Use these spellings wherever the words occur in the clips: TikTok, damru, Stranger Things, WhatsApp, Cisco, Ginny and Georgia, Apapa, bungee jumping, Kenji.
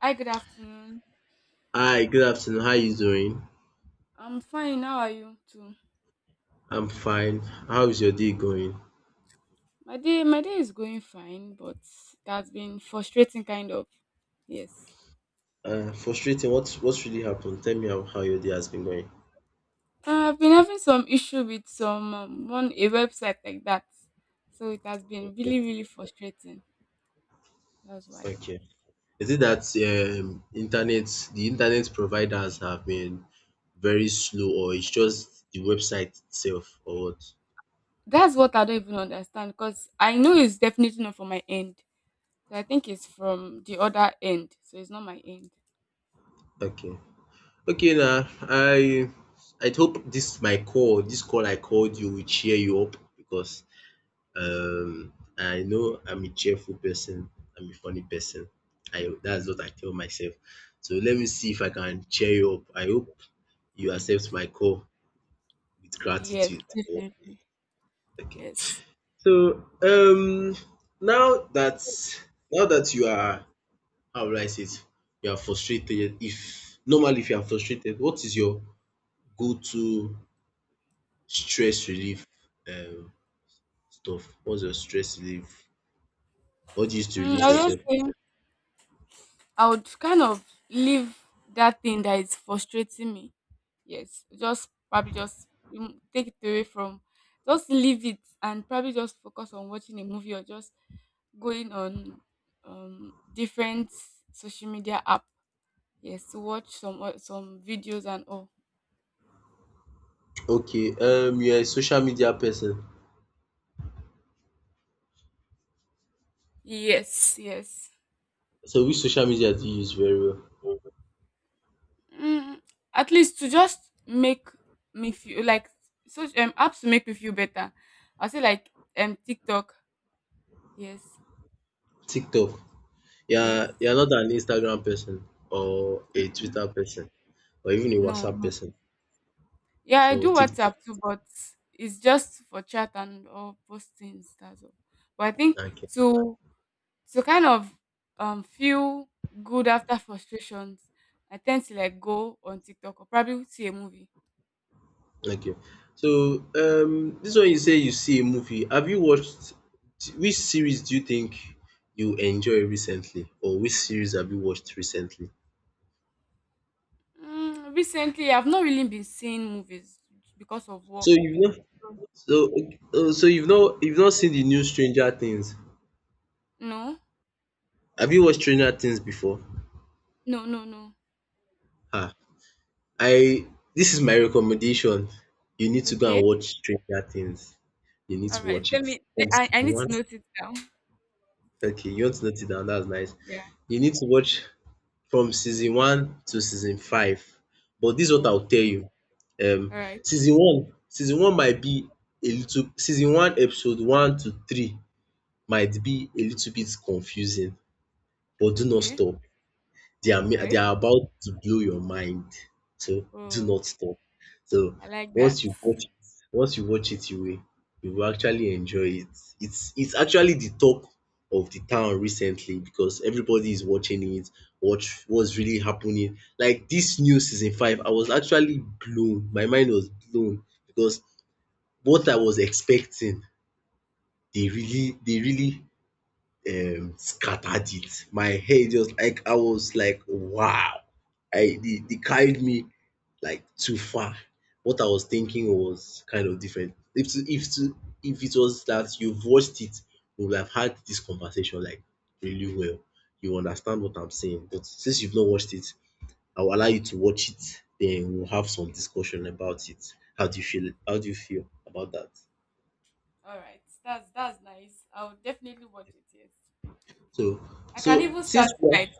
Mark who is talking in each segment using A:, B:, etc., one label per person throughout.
A: Hi, good afternoon.
B: Hi, good afternoon. How you doing?
A: I'm fine. How are you too?
B: I'm fine. How is your day going?
A: My day is going fine, but it has been frustrating, kind of. Yes,
B: Frustrating. What's really happened? Tell me how your day has been going.
A: I've been having some issue with some one a website like that, so it has been
B: Okay.
A: really frustrating. That's why.
B: Thank you. Is it that internet the internet providers have been very slow, or it's just the website itself or what?
A: That's what I don't even understand because I know it's definitely not from my end. So I think it's from the other end. So it's not my end.
B: Okay. Okay, now I hope this call I called you will cheer you up because I know I'm a cheerful person. I'm a funny person. I that's what I tell myself. So let me see if I can cheer you up. I hope you accept my call with
A: Yes,
B: gratitude. Oh.
A: definitely.
B: Okay.
A: Yes.
B: So now that now that you are, how will I say it? You are frustrated. If normally if you are frustrated, what is your go-to stress relief um stuff? What's your stress relief? What do you use to
A: I
B: release
A: was just
B: yourself?
A: saying. I would kind of leave that thing that is frustrating me. Yes, just probably just take it away from, just leave it and probably just focus on watching a movie or just going on different social media app. Yes, to watch some videos and all.
B: Okay, you're a social media person.
A: Yes, yes.
B: So which social media do you use very well?
A: Mm, at least to just make me feel like such apps to make me feel better. I say like TikTok. Yes,
B: TikTok. Yeah,
A: yes.
B: you're not an Instagram person or a Twitter person or even a
A: No.
B: WhatsApp
A: No.
B: person.
A: Yeah, I
B: So
A: do
B: TikTok.
A: WhatsApp too, but it's just for chat and or postings. That's all. But I think
B: Okay.
A: to to kind of feel good after frustrations, I tend to like go on TikTok or probably see a movie.
B: Okay. So this one you say you see a movie. Have you watched which series do you think you enjoy recently, or which series have you watched recently?
A: Recently, I've not really been seeing movies because of
B: So
A: work.
B: you've not so so you've not seen the new Stranger Things.
A: No,
B: Have you watched Stranger Things before?
A: no, no, no.
B: Ah, I this is my recommendation. You need to go
A: Okay,
B: and watch Stranger Things. You need
A: all
B: to
A: right.
B: watch
A: Let
B: it
A: me.
B: from
A: I
B: season
A: I need to
B: one.
A: note it down.
B: Okay, you want to note it down, that's nice.
A: Yeah.
B: You need to watch from season one to season five. But this is what
A: Oh,
B: I'll tell you. Um,
A: all right.
B: Season one, might be a little season one episode one to three might be a little bit confusing, but do not
A: Okay.
B: stop. They are
A: All
B: ma- they
A: right.
B: are about to blow your mind. So do
A: Oh,
B: not stop. So
A: I like that.
B: once you watch it, you will actually enjoy it. It's actually the talk of the town recently because everybody is watching it. What's really happening? Like this new season five, I was actually blown. My mind was blown because what I was expecting, they really scattered it. My head, just like, I was like, wow. They carried me like too far. What I was thinking was kind of different. If it was that you've watched it, we would have had this conversation like really well. You understand what I'm saying. But since you've not watched it, I will allow you to watch it. Then we'll have some discussion about it. How do you feel? How do you feel about that?
A: All right, that's nice. I'll definitely watch it. Yes,
B: So,
A: I can
B: so
A: even start
B: since we
A: tonight.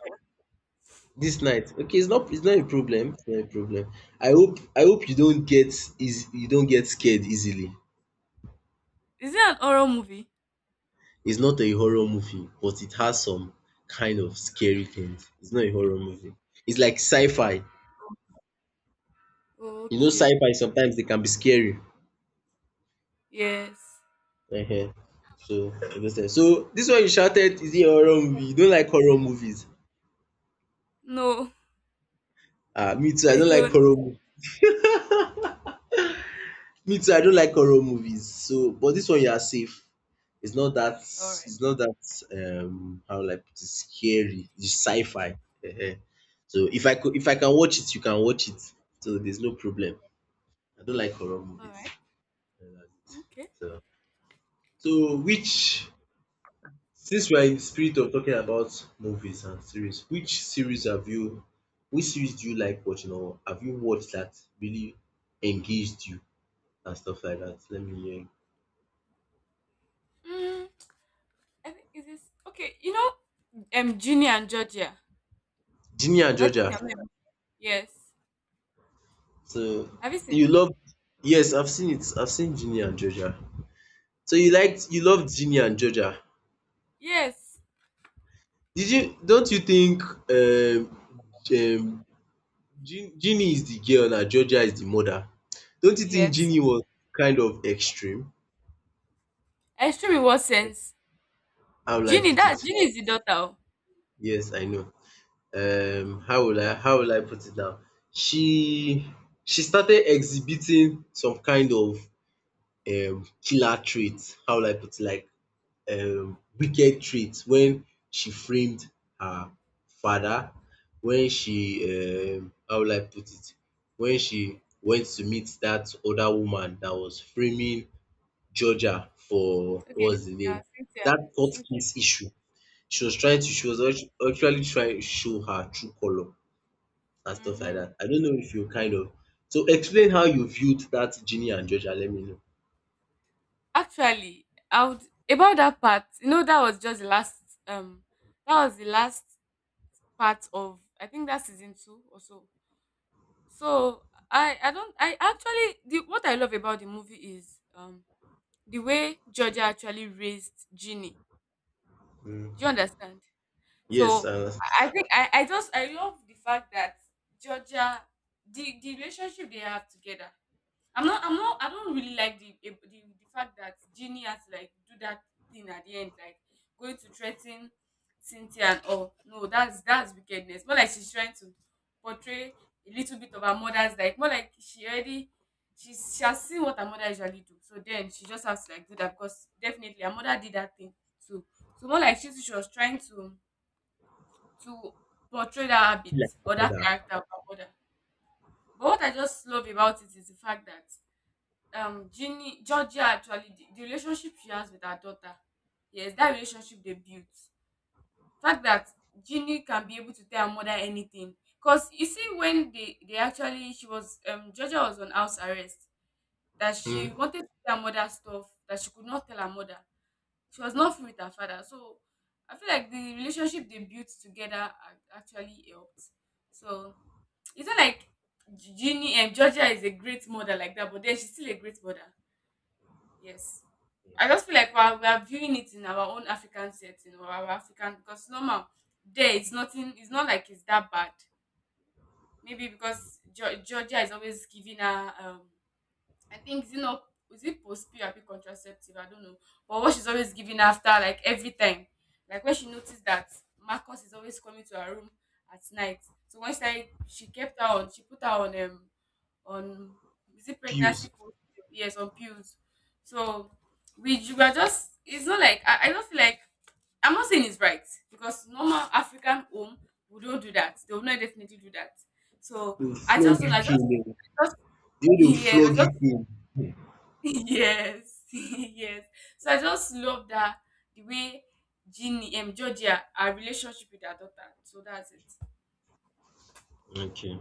B: This night, okay, it's not a problem, it's not a problem. I hope you don't get scared easily.
A: Is it an horror movie?
B: It's not a horror movie, but it has some kind of scary things. It's not a horror movie. It's like sci-fi. You know
A: Okay.
B: sci-fi sometimes they can be scary.
A: Yes.
B: Ehen. So I go So this one you shouted, is it a horror movie? You don't like horror movies?
A: No,
B: Ah, me too, I
A: I
B: don't like
A: don't.
B: horror mo- me too I don't like horror movies. So but this one you are safe. It's not that
A: All right.
B: it's not that um how will I put it, scary. It's sci-fi. Ehen. So if I can watch it, you can watch it. So there's no problem. I don't like horror
A: All
B: movies.
A: right. Okay.
B: So which, since we are in the spirit of talking about movies and series, which series do you like watching, or have you watched, that really engaged you and stuff like that? Let me hear.
A: Mm, I think is this okay? You know, Ginny and Georgia.
B: Ginny and
A: But I think they're
B: Georgia.
A: not. Yes.
B: So
A: Have you seen
B: you
A: it?
B: love Yes, I've seen it. I've seen Ginny and Georgia. So you loved Ginny and Georgia.
A: Yes.
B: Did you Don't you think, um, um Ginny is the girl and Georgia is the mother? Don't you think
A: Yes.
B: Ginny was kind of extreme?
A: Extreme in what sense?
B: How will I
A: Ginny.
B: put
A: That
B: it?
A: Ginny is the daughter. Oh.
B: Yes, I know.
A: Okay.
B: How will I put it now? She she started exhibiting some kind of killer traits. How will I put it? Like wicked trait, when she framed her father, when she, how will I put it, when she went to meet that other woman that was framing Georgia for,
A: Okay.
B: what's the
A: Yeah.
B: name,
A: Cynthia.
B: that court
A: Cynthia.
B: case issue. She was
A: Yeah.
B: trying to, she was actu- actually trying to show her true color and stuff like
A: Mm-hmm.
B: that. I don't know if you kind of, so explain how you viewed that Ginny and Georgia, let me know.
A: Actually, I would about that part. You know, that was just the last. Um, that was the last part of. I think that season two or so. So I don't I actually the what I love about the movie is the way Georgia actually raised Ginny.
B: Mm.
A: Do you understand?
B: Yes,
A: So
B: and
A: I think I just I love the fact that Georgia the relationship they have together I'm not. I'm not. I don't really like the fact that Ginny has to like do that thing at the end, like going to threaten Cynthia and all. No, that's wickedness. More like she's trying to portray a little bit of her mother's, like more like she already she has seen what her mother usually do. So then she just has to like do that, because definitely her mother did that thing too. So more like she was trying to to portray that habit
B: like
A: or that
B: that.
A: character of her mother. But what I just love about it is the fact that Ginny Georgia actually the relationship she has with her daughter. Yes, that relationship they built. Fact that Ginny can be able to tell her mother anything. Cause you see when they actually she was Georgia was on house arrest, that she
B: Mm.
A: wanted to tell her mother stuff that she could not tell her mother. She was not free with her father. So I feel like the relationship they built together actually helped. So it's not like Ginny and Georgia is a great mother like that, but then she's still a great mother. Yes. I just feel like we are viewing it in our own African setting or our African, because normal there it's nothing it's not like it's that bad. Maybe because Georgia is always giving her I think is it not is it postpil P R P contraceptive? I don't know. But what she's always giving after like every time. Like when she noticed that Marcus is always coming to her room at night. So once I she kept her on, she put her on on is it pregnancy
B: Fuse.
A: pills? Yes, on pills. So we are just it's not like I don't feel like I'm not saying it's right, because normal African home we don't do that. They will not definitely do that. So
B: Dey will
A: I
B: flog
A: just don't
B: you
A: I
B: kill um. De
A: just
B: way dey will
A: yes,
B: flog
A: I
B: you
A: just
B: kill.
A: yes yes so I just love that the way Ginny Georgia her relationship with her daughter, so that's it.
B: Okay.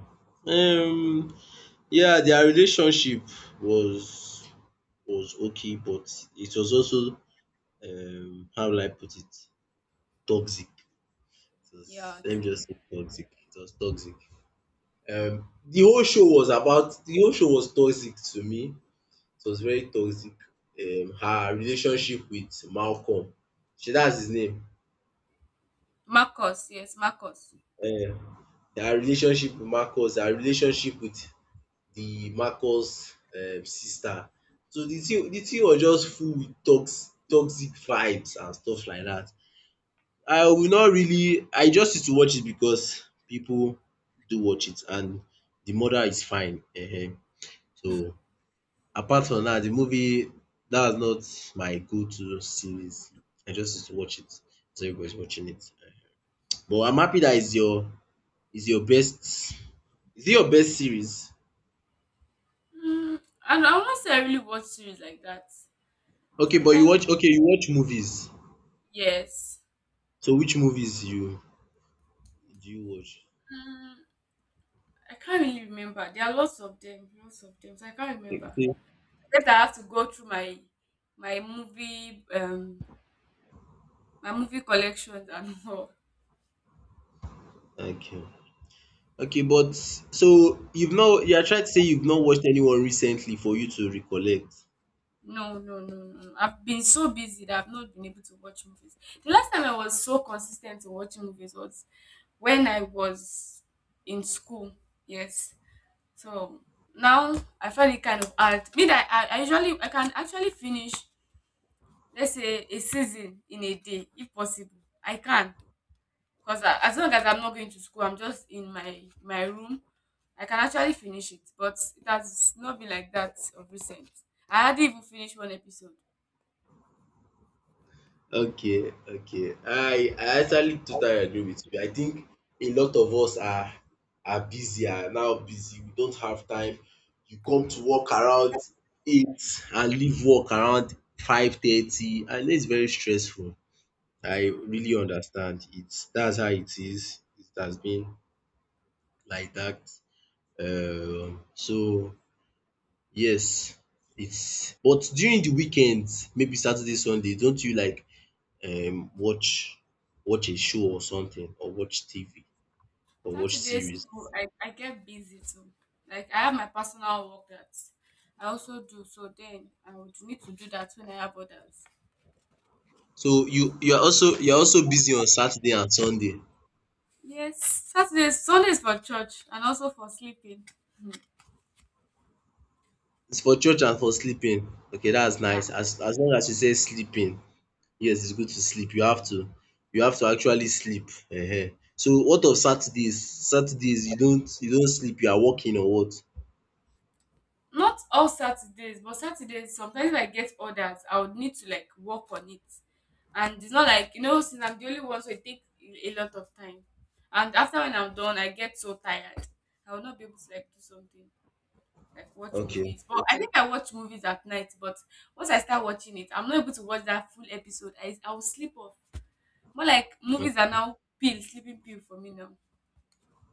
B: Um, yeah, their relationship was was okay, but it was also, how will I put it? Toxic. It was,
A: Yeah,
B: let me
A: true.
B: just say toxic. It was toxic. The whole show was toxic to me. It was very toxic. Her relationship with Malcolm. She That's his name.
A: Marcus, yes, Marcus.
B: Her relationship with Marcus. Her relationship with the Marcus sister. So the thing was just full with toxic vibes and stuff like that. I will not really I just used to watch it because people do watch it, and the mother is fine. So apart from that, the movie that's not my go to series. I just used to watch it. So everybody's watching it. But I'm happy that is your, is your best, is it your best series?
A: mm, and I won't say I really watch series like that
B: Okay, but
A: sometimes.
B: you watch movies.
A: Yes.
B: So which movies, you do you watch?
A: mm, I can't really remember, there are lots of them so I can't remember,
B: Okay.
A: except I have to go through my my movie um my movie collections and all.
B: Okay, okay, but so you've not, you are trying to say you've not watched anyone recently for you to recollect.
A: No, no, no, no. No. I've been so busy that I've not been able to watch movies. The last time I was so consistent in watching movies was when I was in school. Yes. So now I find it kind of hard. Me that I usually I can actually finish, let's say, a season in a day if possible. I can, because as long as I'm not going to school, I'm just in my room. I can actually finish it, but it has not been like that of recent. I hardly even finished one episode.
B: Okay, okay. I actually totally agree with you. I think a lot of us are, now busy. We don't have time. You come to work around 8 and leave work around 5:30, and it's very stressful. I
A: True.
B: really understand it. That's how it is. It has been like that. So, yes, it's but during the weekends, maybe Saturday, Sunday, don't you like um watch watch a show or something, or watch TV or watch
A: Saturdays
B: series?
A: too, I get busy too. Like I have my personal work that I also do, so then I would need to do that when I have others.
B: So you are also busy on Saturday and Sunday.
A: Yes, Saturdays, Sundays for church and also for sleeping. Hmm.
B: It's for church and for sleeping. Okay, that's
A: Yeah,
B: nice. As long as you say sleeping, yes, it's good to sleep. You have to actually sleep. Ehen. So what of Saturdays? You don't sleep, you are working or what?
A: not all Saturdays, but Saturdays sometimes if I get orders, I would need to like work on it. And it's not like you know, since I'm the only one, so it takes a lot of time. And after when I'm done, I get so tired. I will not be able to like do something. Like watch
B: Okay.
A: movies. But I think I watch movies at night. But once I start watching it, I'm not able to watch that full episode. I will sleep off. More like movies are now pill, sleeping pill for me now.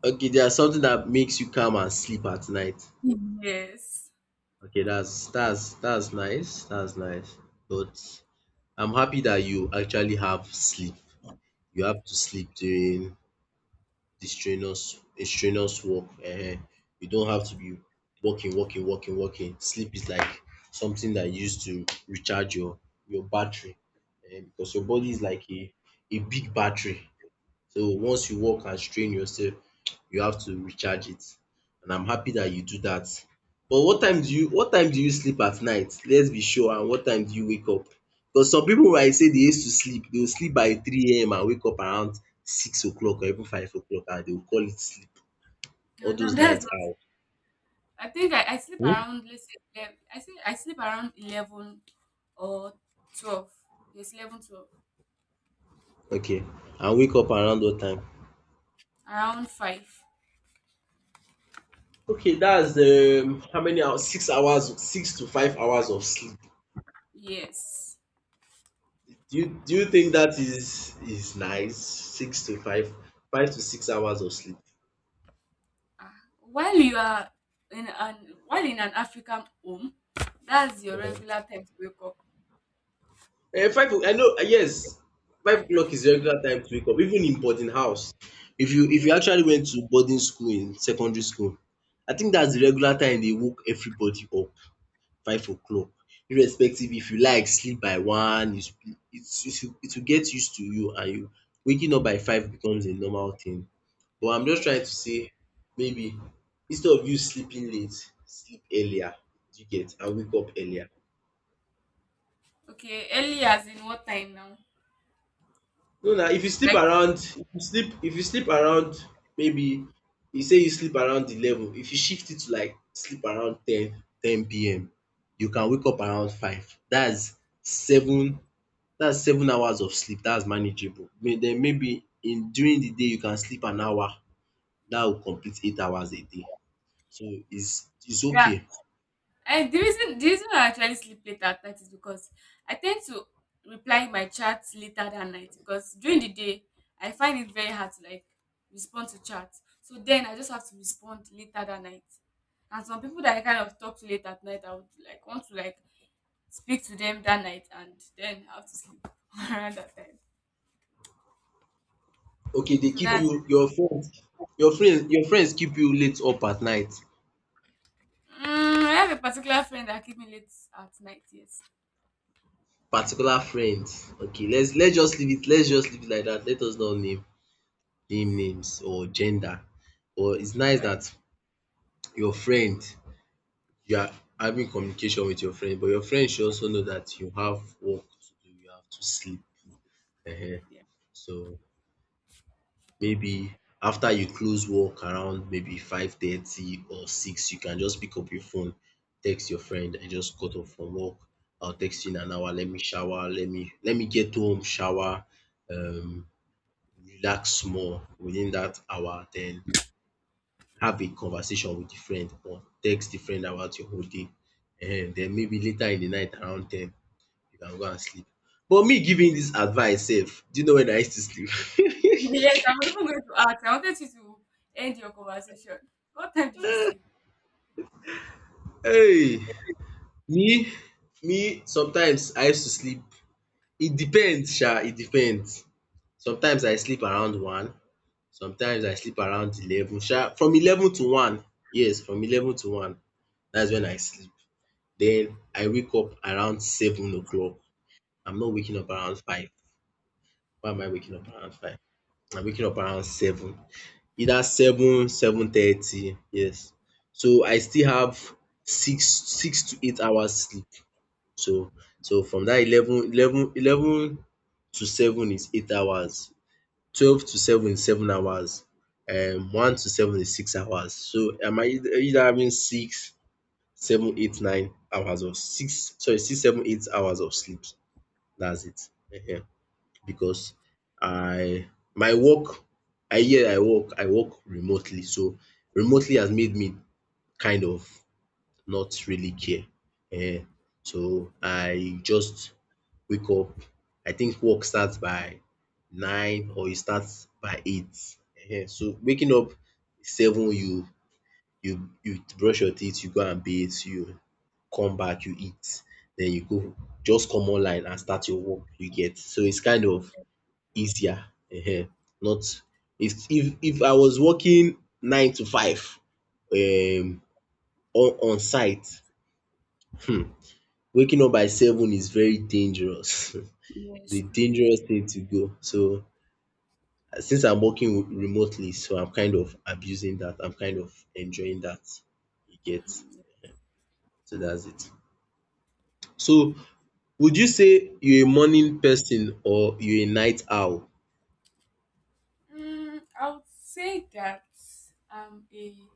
B: Okay, there's something that makes you calm and sleep at night.
A: Yes.
B: Okay, that's nice. That's nice. But I'm happy that you actually have sleep. You have to sleep during the strenuous work. You don't have to be working, working, working, working. Sleep is like something that you use to recharge your battery, eh, because your body is like a big battery. So once you work and strain yourself, you have to recharge it, and I'm happy that you do that. But what time do you sleep at night? Let's be sure. And what time do you wake up? Because some pipu I say they used to sleep, they will sleep by 3 AM and wake up around 6 o'clock or even 5 o'clock, and they will call it sleep.
A: No,
B: All
A: no,
B: those
A: that's
B: night
A: not.
B: owl.
A: I think I sleep
B: Hmm?
A: around let's say 11, I think I sleep around 11 or 12. Yes, 11, 12.
B: Okay. And wake up around what time?
A: Around five.
B: Okay, that's, how many hours? 6 hours, 6 to 5 hours of sleep.
A: Yes.
B: Do you think that is nice? Six to five, 5 to 6 hours of sleep.
A: Ah, while you are in an while in an African home, that's your regular time to wake up.
B: Eh, five, I know. Yes, 5 o'clock is the regular time to wake up. Even in boarding house, if you
A: Well,
B: actually went to boarding school in secondary school, I think that's the
A: mhm.
B: regular time they woke everybody up. 5 o'clock, irrespective if you like sleep by one. It will get used to you, and you waking up by 5 becomes a normal thing. But I'm just
A: Yeah.
B: trying to say, maybe instead of you sleeping late, sleep earlier, do you get, and wake up earlier.
A: Okay, early as in what time now?
B: No na, if you sleep
A: Like
B: around, maybe you say you sleep around 11. If you shift it to like sleep around 10 PM, you can wake up around five. That's seven, that's 7 hours of sleep, that's manageable. Den maybe in during the day you can sleep an hour, dat will complete 8 hours a day. So, is
A: yeah.
B: okay.
A: And the reason I actually sleep late at night is because I tend to reply my chats later that night, because during the day I find it very hard to like respond to chats. So then I just have to respond later that night. And some people that I kind of talk to late at night, I would like want to like speak to them that night and then I have to sleep around that time.
B: Okay, dey
A: So
B: keep
A: that's
B: you your friends keep you late up at night,
A: mm, I have a particular friend that keep me late at night, yes.
B: particular friends. Okay, let's just leave it, like dat. Let us not name names or gender. But it's
A: All
B: nice
A: right,
B: dat your friend you are having communication with your friend, but your friend should also know dat you have work to do, you have to sleep. um.
A: yeah.
B: So maybe after you close work around maybe 5:30 or six, you can just pick up your phone, text your friend, I just got off from work. I'll text you in an hour. Let me shower. Let me get home, shower, um, relax more within that hour. Then have a conversation with the friend or text the friend about your whole day. And then maybe later in the night around 10, you can go and sleep. But me giving this advice sef, do you know when I used to sleep?
A: Yes, I was even going to ask. I wanted you to end your conversation. What time did you sleep?
B: Hey! Me me sometimes I used to sleep, it depends sha, it depends. Sometimes I sleep around one, sometimes I sleep around 11 sha. From 11 to one, yes, from 11 to one, that's when I sleep. Then I wake up around 7 o'clock. I'm not waking up around five. Why am I waking
A: Mm,
B: up around five? I'm waking up around seven. Either seven, 7:30, yes. So I still have six to eight hours sleep. So so from that 11 to seven is 8 hours, 12 to seven is 7 hours, one to seven is 6 hours. So am I either having six, seven, eight, 9 hours of six, seven, 8 hours of sleep. That's it. Ehen. Because I my work I work remotely, so remotely has made me kind of not really care. um So I just wake up. I think work starts by 9 or e starts by 8. So waking up seven, you brush your teeth, you go and bathe, you come back, you eat, then you go just come online and start your work, you get. So it's kind of easier. um. Not if I was working 9 to 5, um on site, um waking up by seven is very dangerous. It's
A: yes,
B: a
A: true.
B: dangerous thing to go. So since I'm working remotely, so I'm kind of abusing that. I'm kind of enjoying that. You get? So that's it. So would you say you're a morning person or you're a night owl?
A: I would say that I'm a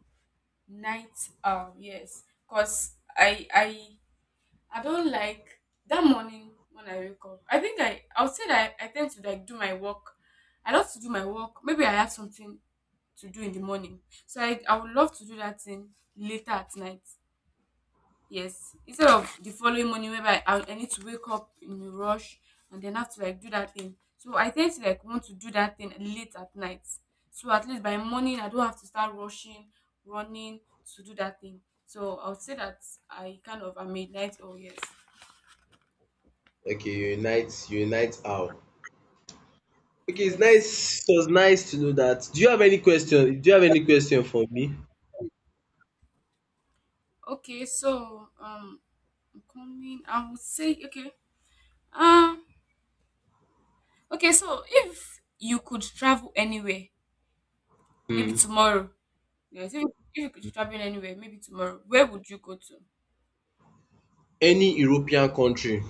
A: night owl. Yes, cause I don't like that morning when I wake up. I think I would say that I tend to like do my work. I love to do my work. Maybe I have something to do in the morning, so I would love to do that thing later at night. Yes, instead of the following morning whereby I need to wake up in a rush and then have to like do that thing. So I tend to like want to do that thing late at night. So at least by morning I don't have to start rushing, running to do that thing. So I would say that I kind of am a night owl. Yes,
B: Okay, you're a night owl. Okay, it's
A: yes.
B: nice. It was nice to know that. Do you have any question? Do you have any question for me?
A: Okay, so I'm coming. I would say okay. Um, okay. So if you could travel anywhere, maybe
B: Hmm.
A: tomorrow. Yes, if you could travel anywhere, maybe tomorrow, where would you go to?
B: Any European country,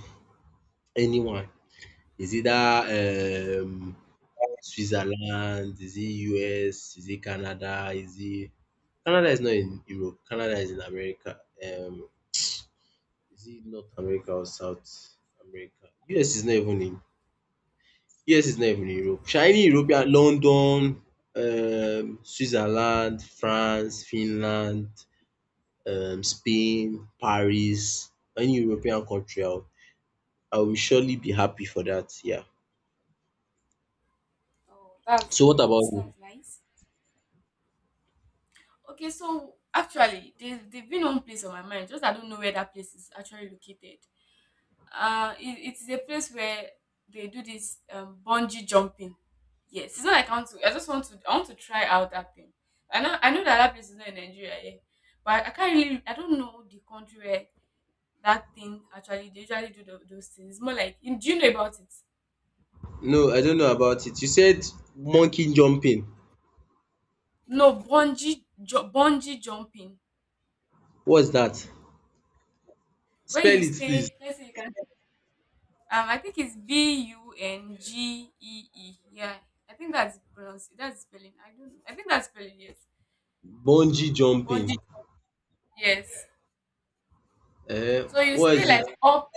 B: anyone. Is it that Switzerland? Is it US? Is it Canada? Is it Canada is not in Europe. Canada is in America. Is it North America or South America? US is not even in US is not even in Europe. Sha any European London, Switzerland, France, Finland, Spain, Paris, any European country, I will surely be happy for that, yeah.
A: Oh, that's
B: So what
A: great.
B: about you?
A: That's nice. Okay, so actually, there've been one place on my mind, just I don't know where that place is actually located. It is a place where they do this bungee jumping. Yes, it's not like I want to. I just want to. I want to try out that thing. I know. I know that that place is not in Nigeria, yeah, but I can't really. I don't know the country where that thing actually. They usually do those things. It's more like. Do you know about it?
B: No, I don't know about it. You said monkey jumping.
A: No, bungee jumping.
B: What's that?
A: Where you
B: Spell it please.
A: stay, let's say you can I think it's Bungee. Yeah, I think that's pronounce. That's spelling. I don't know. I think that's spelling. Yes.
B: Bungee jumping.
A: Bungie. Yes.
B: Uh,
A: So you
B: what
A: stay
B: is it?
A: like up.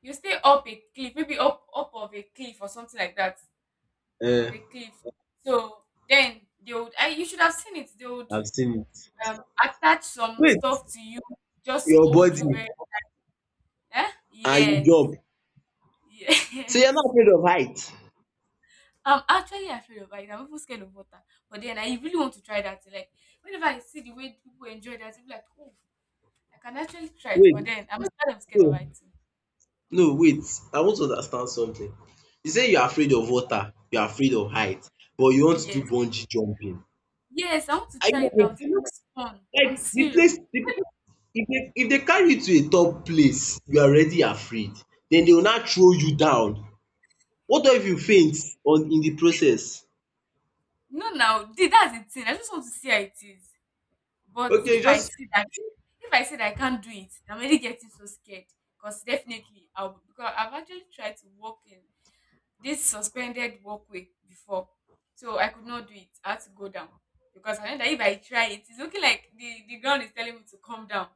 A: You stay up a cliff, maybe up of a cliff or something like that,
B: Uh,
A: of a cliff. So then they would. You should have seen it. They would
B: I've seen it.
A: attach some
B: Wait,
A: stuff to you just to
B: your
A: hold
B: body
A: you very. Eh?
B: and you jump.
A: Yes.
B: So you're not
A: Yes.
B: afraid of height?
A: I'm actually afraid of heights. I'm even scared of water. But then I really want to try that. Like whenever I see the way people enjoy that, I'm like, oh, I can actually try it.
B: Wait,
A: But then I'm scared of
B: no,
A: heights too.
B: no, wait. I want to understand something. You say you're
A: Okay.
B: afraid of water, you're afraid of height, but you want to
A: Yes.
B: do bungee jumping.
A: Yes, I want to
B: Are you
A: try
B: not
A: it
B: going
A: out. It
B: to-
A: looks fun. I'm
B: like the
A: serious.
B: place the if they carry you to a top place you are already afraid, then they will not throw you down, what if you faint on in the process.
A: No, now that's the thing. I just want to see how it is. But
B: Okay, you
A: if I
B: just
A: see that, if I say that I can't do it, I'm already getting so scared. Because definitely, I've actually tried to walk in this suspended walkway before. So I could not do it. I had to go down because I know that if I try it, it's looking like the ground is telling me to come down,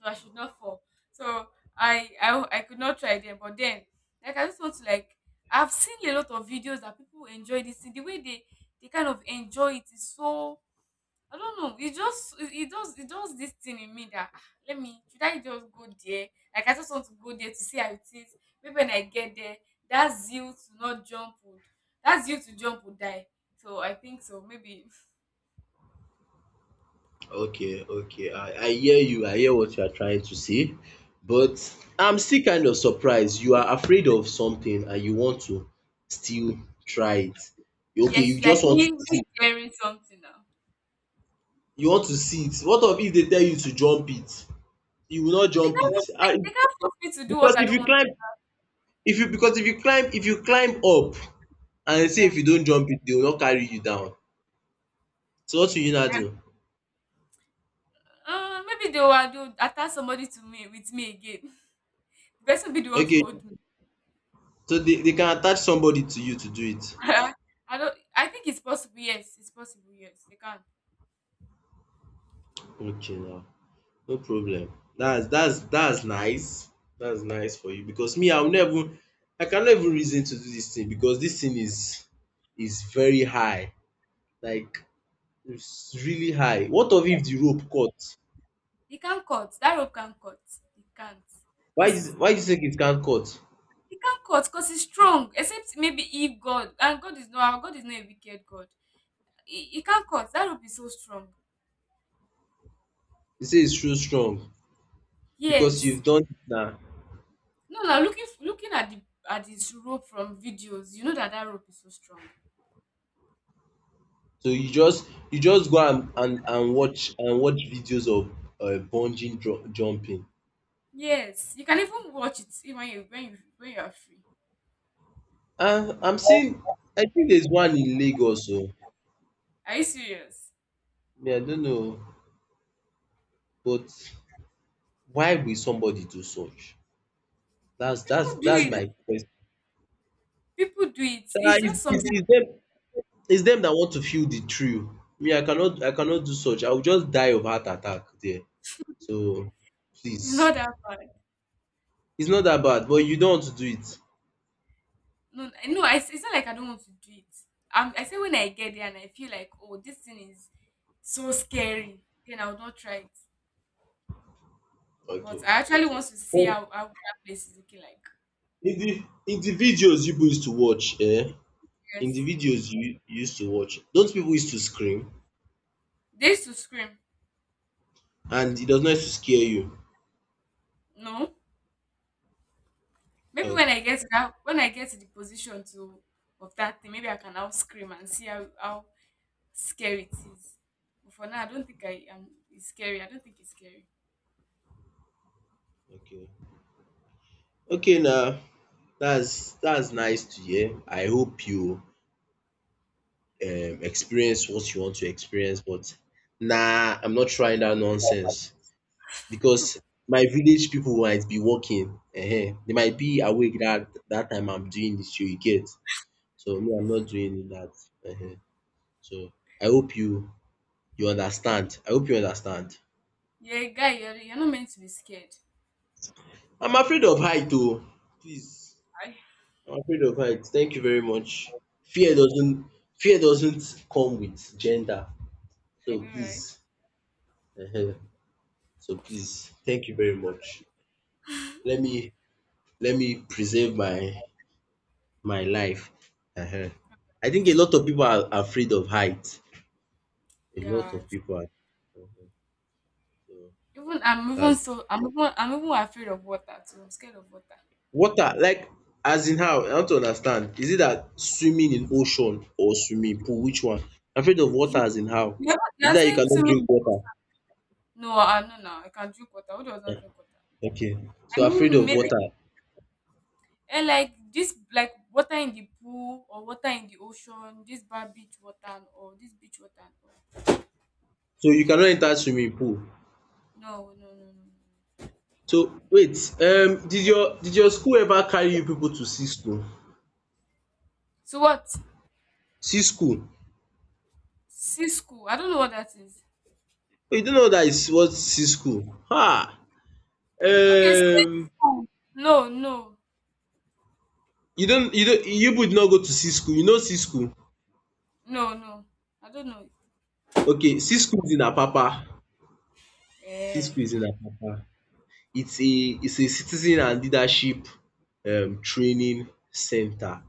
A: so I should not fall. So I could not try them. But then, like, I just want to like, I've seen a lot of videos that people enjoy this thing. The way they kind of enjoy it is so, I don't know. It just it does, it does this thing in me that, ah, let me, should I just go there? Like I just want to go there to see how it is. Maybe when I get there, that zeal to not jump would that zeal to jump would die. So I think so. Maybe
B: okay, okay. I hear you. I hear what you are trying to say. But
A: yeah.
B: I'm still kind of surprised. You are afraid of something and you want to still try it. Okay,
A: Yes,
B: you
A: it's like
B: just want to
A: me,
B: see,
A: me daring something now.
B: you want to see it. What of if they tell you to jump it? You will not
A: They
B: jump
A: can't,
B: it. And
A: they can't force me to do
B: because
A: what I
B: if
A: don't
B: you
A: want to
B: climb
A: do.
B: if you climb up and say
A: Yeah.
B: if you don't jump it, they will not carry you down. So what will you now do?
A: Maybe they will attach somebody to me with me again. The person be the one to
B: Okay,
A: hold me.
B: so they can attach somebody to you to do it.
A: I don't. I think it's possible. Yes, it's possible. Yes, they can.
B: Okay now. No problem. That's nice. That's nice for you because me I will never, I cannot even reason to do this thing because this thing is very high. Like it's really high. What of if the rope cut?
A: They can cut. That rope can cut. It can't.
B: Why is
A: Cause
B: why do you think it can't cut?
A: it can't cut. Cause it's strong. Except maybe if God, and God is not. Our God is not a wicked God. It He can't cut. That rope is so strong.
B: You say it's too strong because
A: Yes.
B: you've done it now.
A: No, now looking at the, at this rope from videos, you know that that rope is so strong.
B: So you just go and watch and watch videos of bungee dru jumping.
A: Yes, you can even watch it even when you are free.
B: And I'm seeing I think there's one in Lagos oo.
A: Are you serious?
B: Me I don't know, but why will somebody do such?
A: People do
B: That's
A: it.
B: my question.
A: People do it.
B: Sha,
A: It's just something.
B: is dem is them that want to feel the thrill. Me I cannot do such. I will just die of heart attack there. So please,
A: It's not that bad.
B: it's not that bad but you don't want to do it.
A: No, I- no. It's not like I don't want to do it. I say when I get there and I feel like, oh, this thing is so scary, then I will not try it.
B: Okay.
A: But I actually want to see
B: But
A: how that place is looking like.
B: in the in the videos you people used to watch, eh? In the
A: Yes,
B: videos you used to watch, those people used to scream
A: they used to scream.
B: and it does not used to scare you?
A: No, maybe
B: Okay.
A: when I get to that, when I get to the position to of that thing, maybe I can now scream and see how scary it is. But for now, I don't think I am. It's scary. I don't think it's scary.
B: Okay Okay. Now that's nice to hear. I hope you experience what you want to experience. But nah, I'm not trying that nonsense because my village people might be working. Eh, they might be awake that that time I'm doing this. You get, so me, I'm not doing that. Eh, so I hope you you understand. I hope you understand.
A: Yeah, guy. You're not meant to be scared.
B: I'm afraid of height, oh. Please,
A: I,
B: I'm afraid of height. Thank you very much. Fear doesn't Fear doesn't come with gender.
A: I
B: So
A: know, right?
B: please, uh so please, thank you very much. let me let me preserve my my life. Ehen. I think a lot of people are afraid of height. A lot
A: Yeah.
B: of people are. Mhm. So
A: Even I'm even
B: that's
A: so I'm even afraid of water too. I'm scared of water.
B: water like as in how? I want to understand. Is it that swimming in ocean or swimming pool? Which one? Afraid of water
A: You-
B: as in how?
A: are,
B: Is it
A: you're
B: that you
A: saying to
B: cannot
A: me,
B: drink water?
A: no, I no, no, I can drink water. Who does not
B: Yeah.
A: drink water?
B: Okay. So
A: I
B: afraid
A: mean,
B: of
A: maybe,
B: water.
A: and like this, like water in the pool or water in the ocean, this bad beach water and all, this beach water and
B: So you cannot enter swimming pool.
A: all. No, no, no, no, no, no.
B: So wait, did your school ever carry you people to see school?
A: So what?
B: See school?
A: Sea school. I don't know what that is.
B: Oh, you don't know that is what C school. Ha!
A: Okay, since
B: Um,
A: no, no,
B: you don't you would not go to C school. You know C school.
A: no, no. I don't know.
B: Okay, C school is in Apapa. C
A: Eh.
B: school is in Apapa. It's a it's a citizen and leadership training center.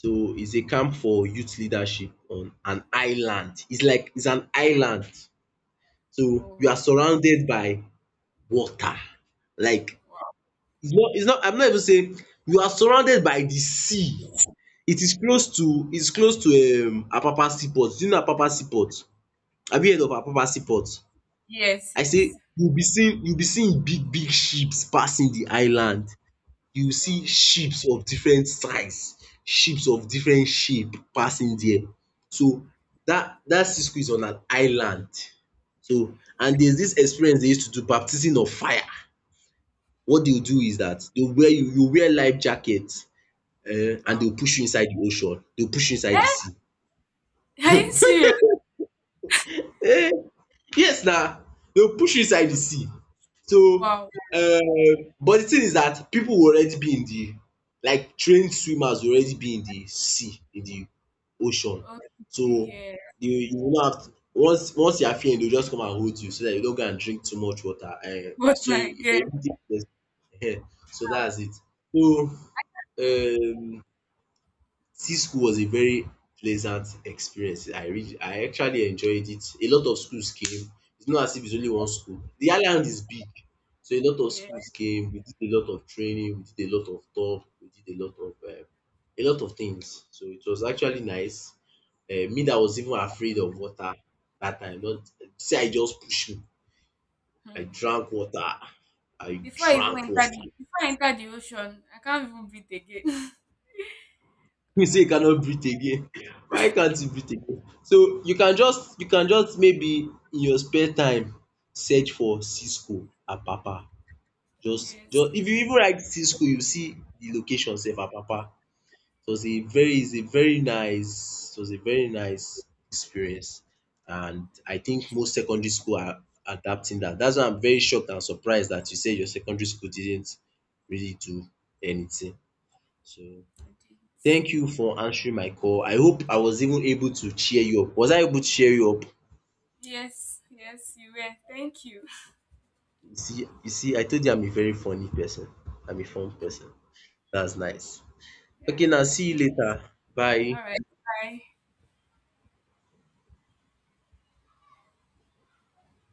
B: So it's a camp for youth leadership on an island. It's like it's an island. So you are
A: Oh,
B: surrounded by water. Like
A: wow.
B: it's not I'm not even saying you are surrounded by the sea. It is close to Apapa seaport. Do you know Apapa seaport? Have you heard of Apapa seaport?
A: Yes,
B: I say
A: yes.
B: you will be seeing big big ships passing the island. You see
A: Wow.
B: ships of different size, ships of different shape passing there. So that that Cisco is on an island. So and there's this experience they used to do baptism of fire. What they will
A: Mm,
B: do is that they will wear you you wear life jacket and they
A: wow.
B: will push you inside the ocean, they will push you inside the
A: Eh?
B: sea.
A: Are you serious?
B: Yes na, dey will push you inside di sea. So
A: Wow.
B: but di thing is dat pipu will already be in di like trained swimmers will already be in di sea, in di ocean.
A: Okay,
B: So
A: yeah.
B: you will now have to once you are feeling dey will just come and hold you so dat you no go and drink too much water,
A: What
B: so
A: I
B: if for
A: get.
B: you so dats it. So um See school was a very pleasant experience. I actually enjoyed it. A lot of schools came. It's not as if it's only one school. The island is big, so a lot of
A: Yeah.
B: schools came. We did a lot of training, we did a lot of talk, we did a lot of things. So it was actually nice. Um, me that was even afraid of water dat time, not see how e just push me. I
A: Hmm.
B: drank water. I drank water.
A: Before I enter the ocean, I can't even breathe again.
B: You say you cannot breathe again why can't you breathe again, so you can just maybe in your spare time search for cisco apapa,
A: Yes.
B: just if you even write cisco you see the location sef apapa. It was a very it's a very nice, it was a very nice experience, and I think most secondary school are adapting that, that's why I'm very shocked and surprised that you say your secondary school didn't really do anything. So
A: I did.
B: thank you for answering my call. I hope I was even able to cheer you up. Was I able to cheer you up?
A: Yes, yes, you were. Thank you.
B: You see, I told you I'm a very funny person. I'm a fun person. That's nice.
A: Yeah.
B: Okay, now see you later.
A: All
B: Bye.
A: right. Bye.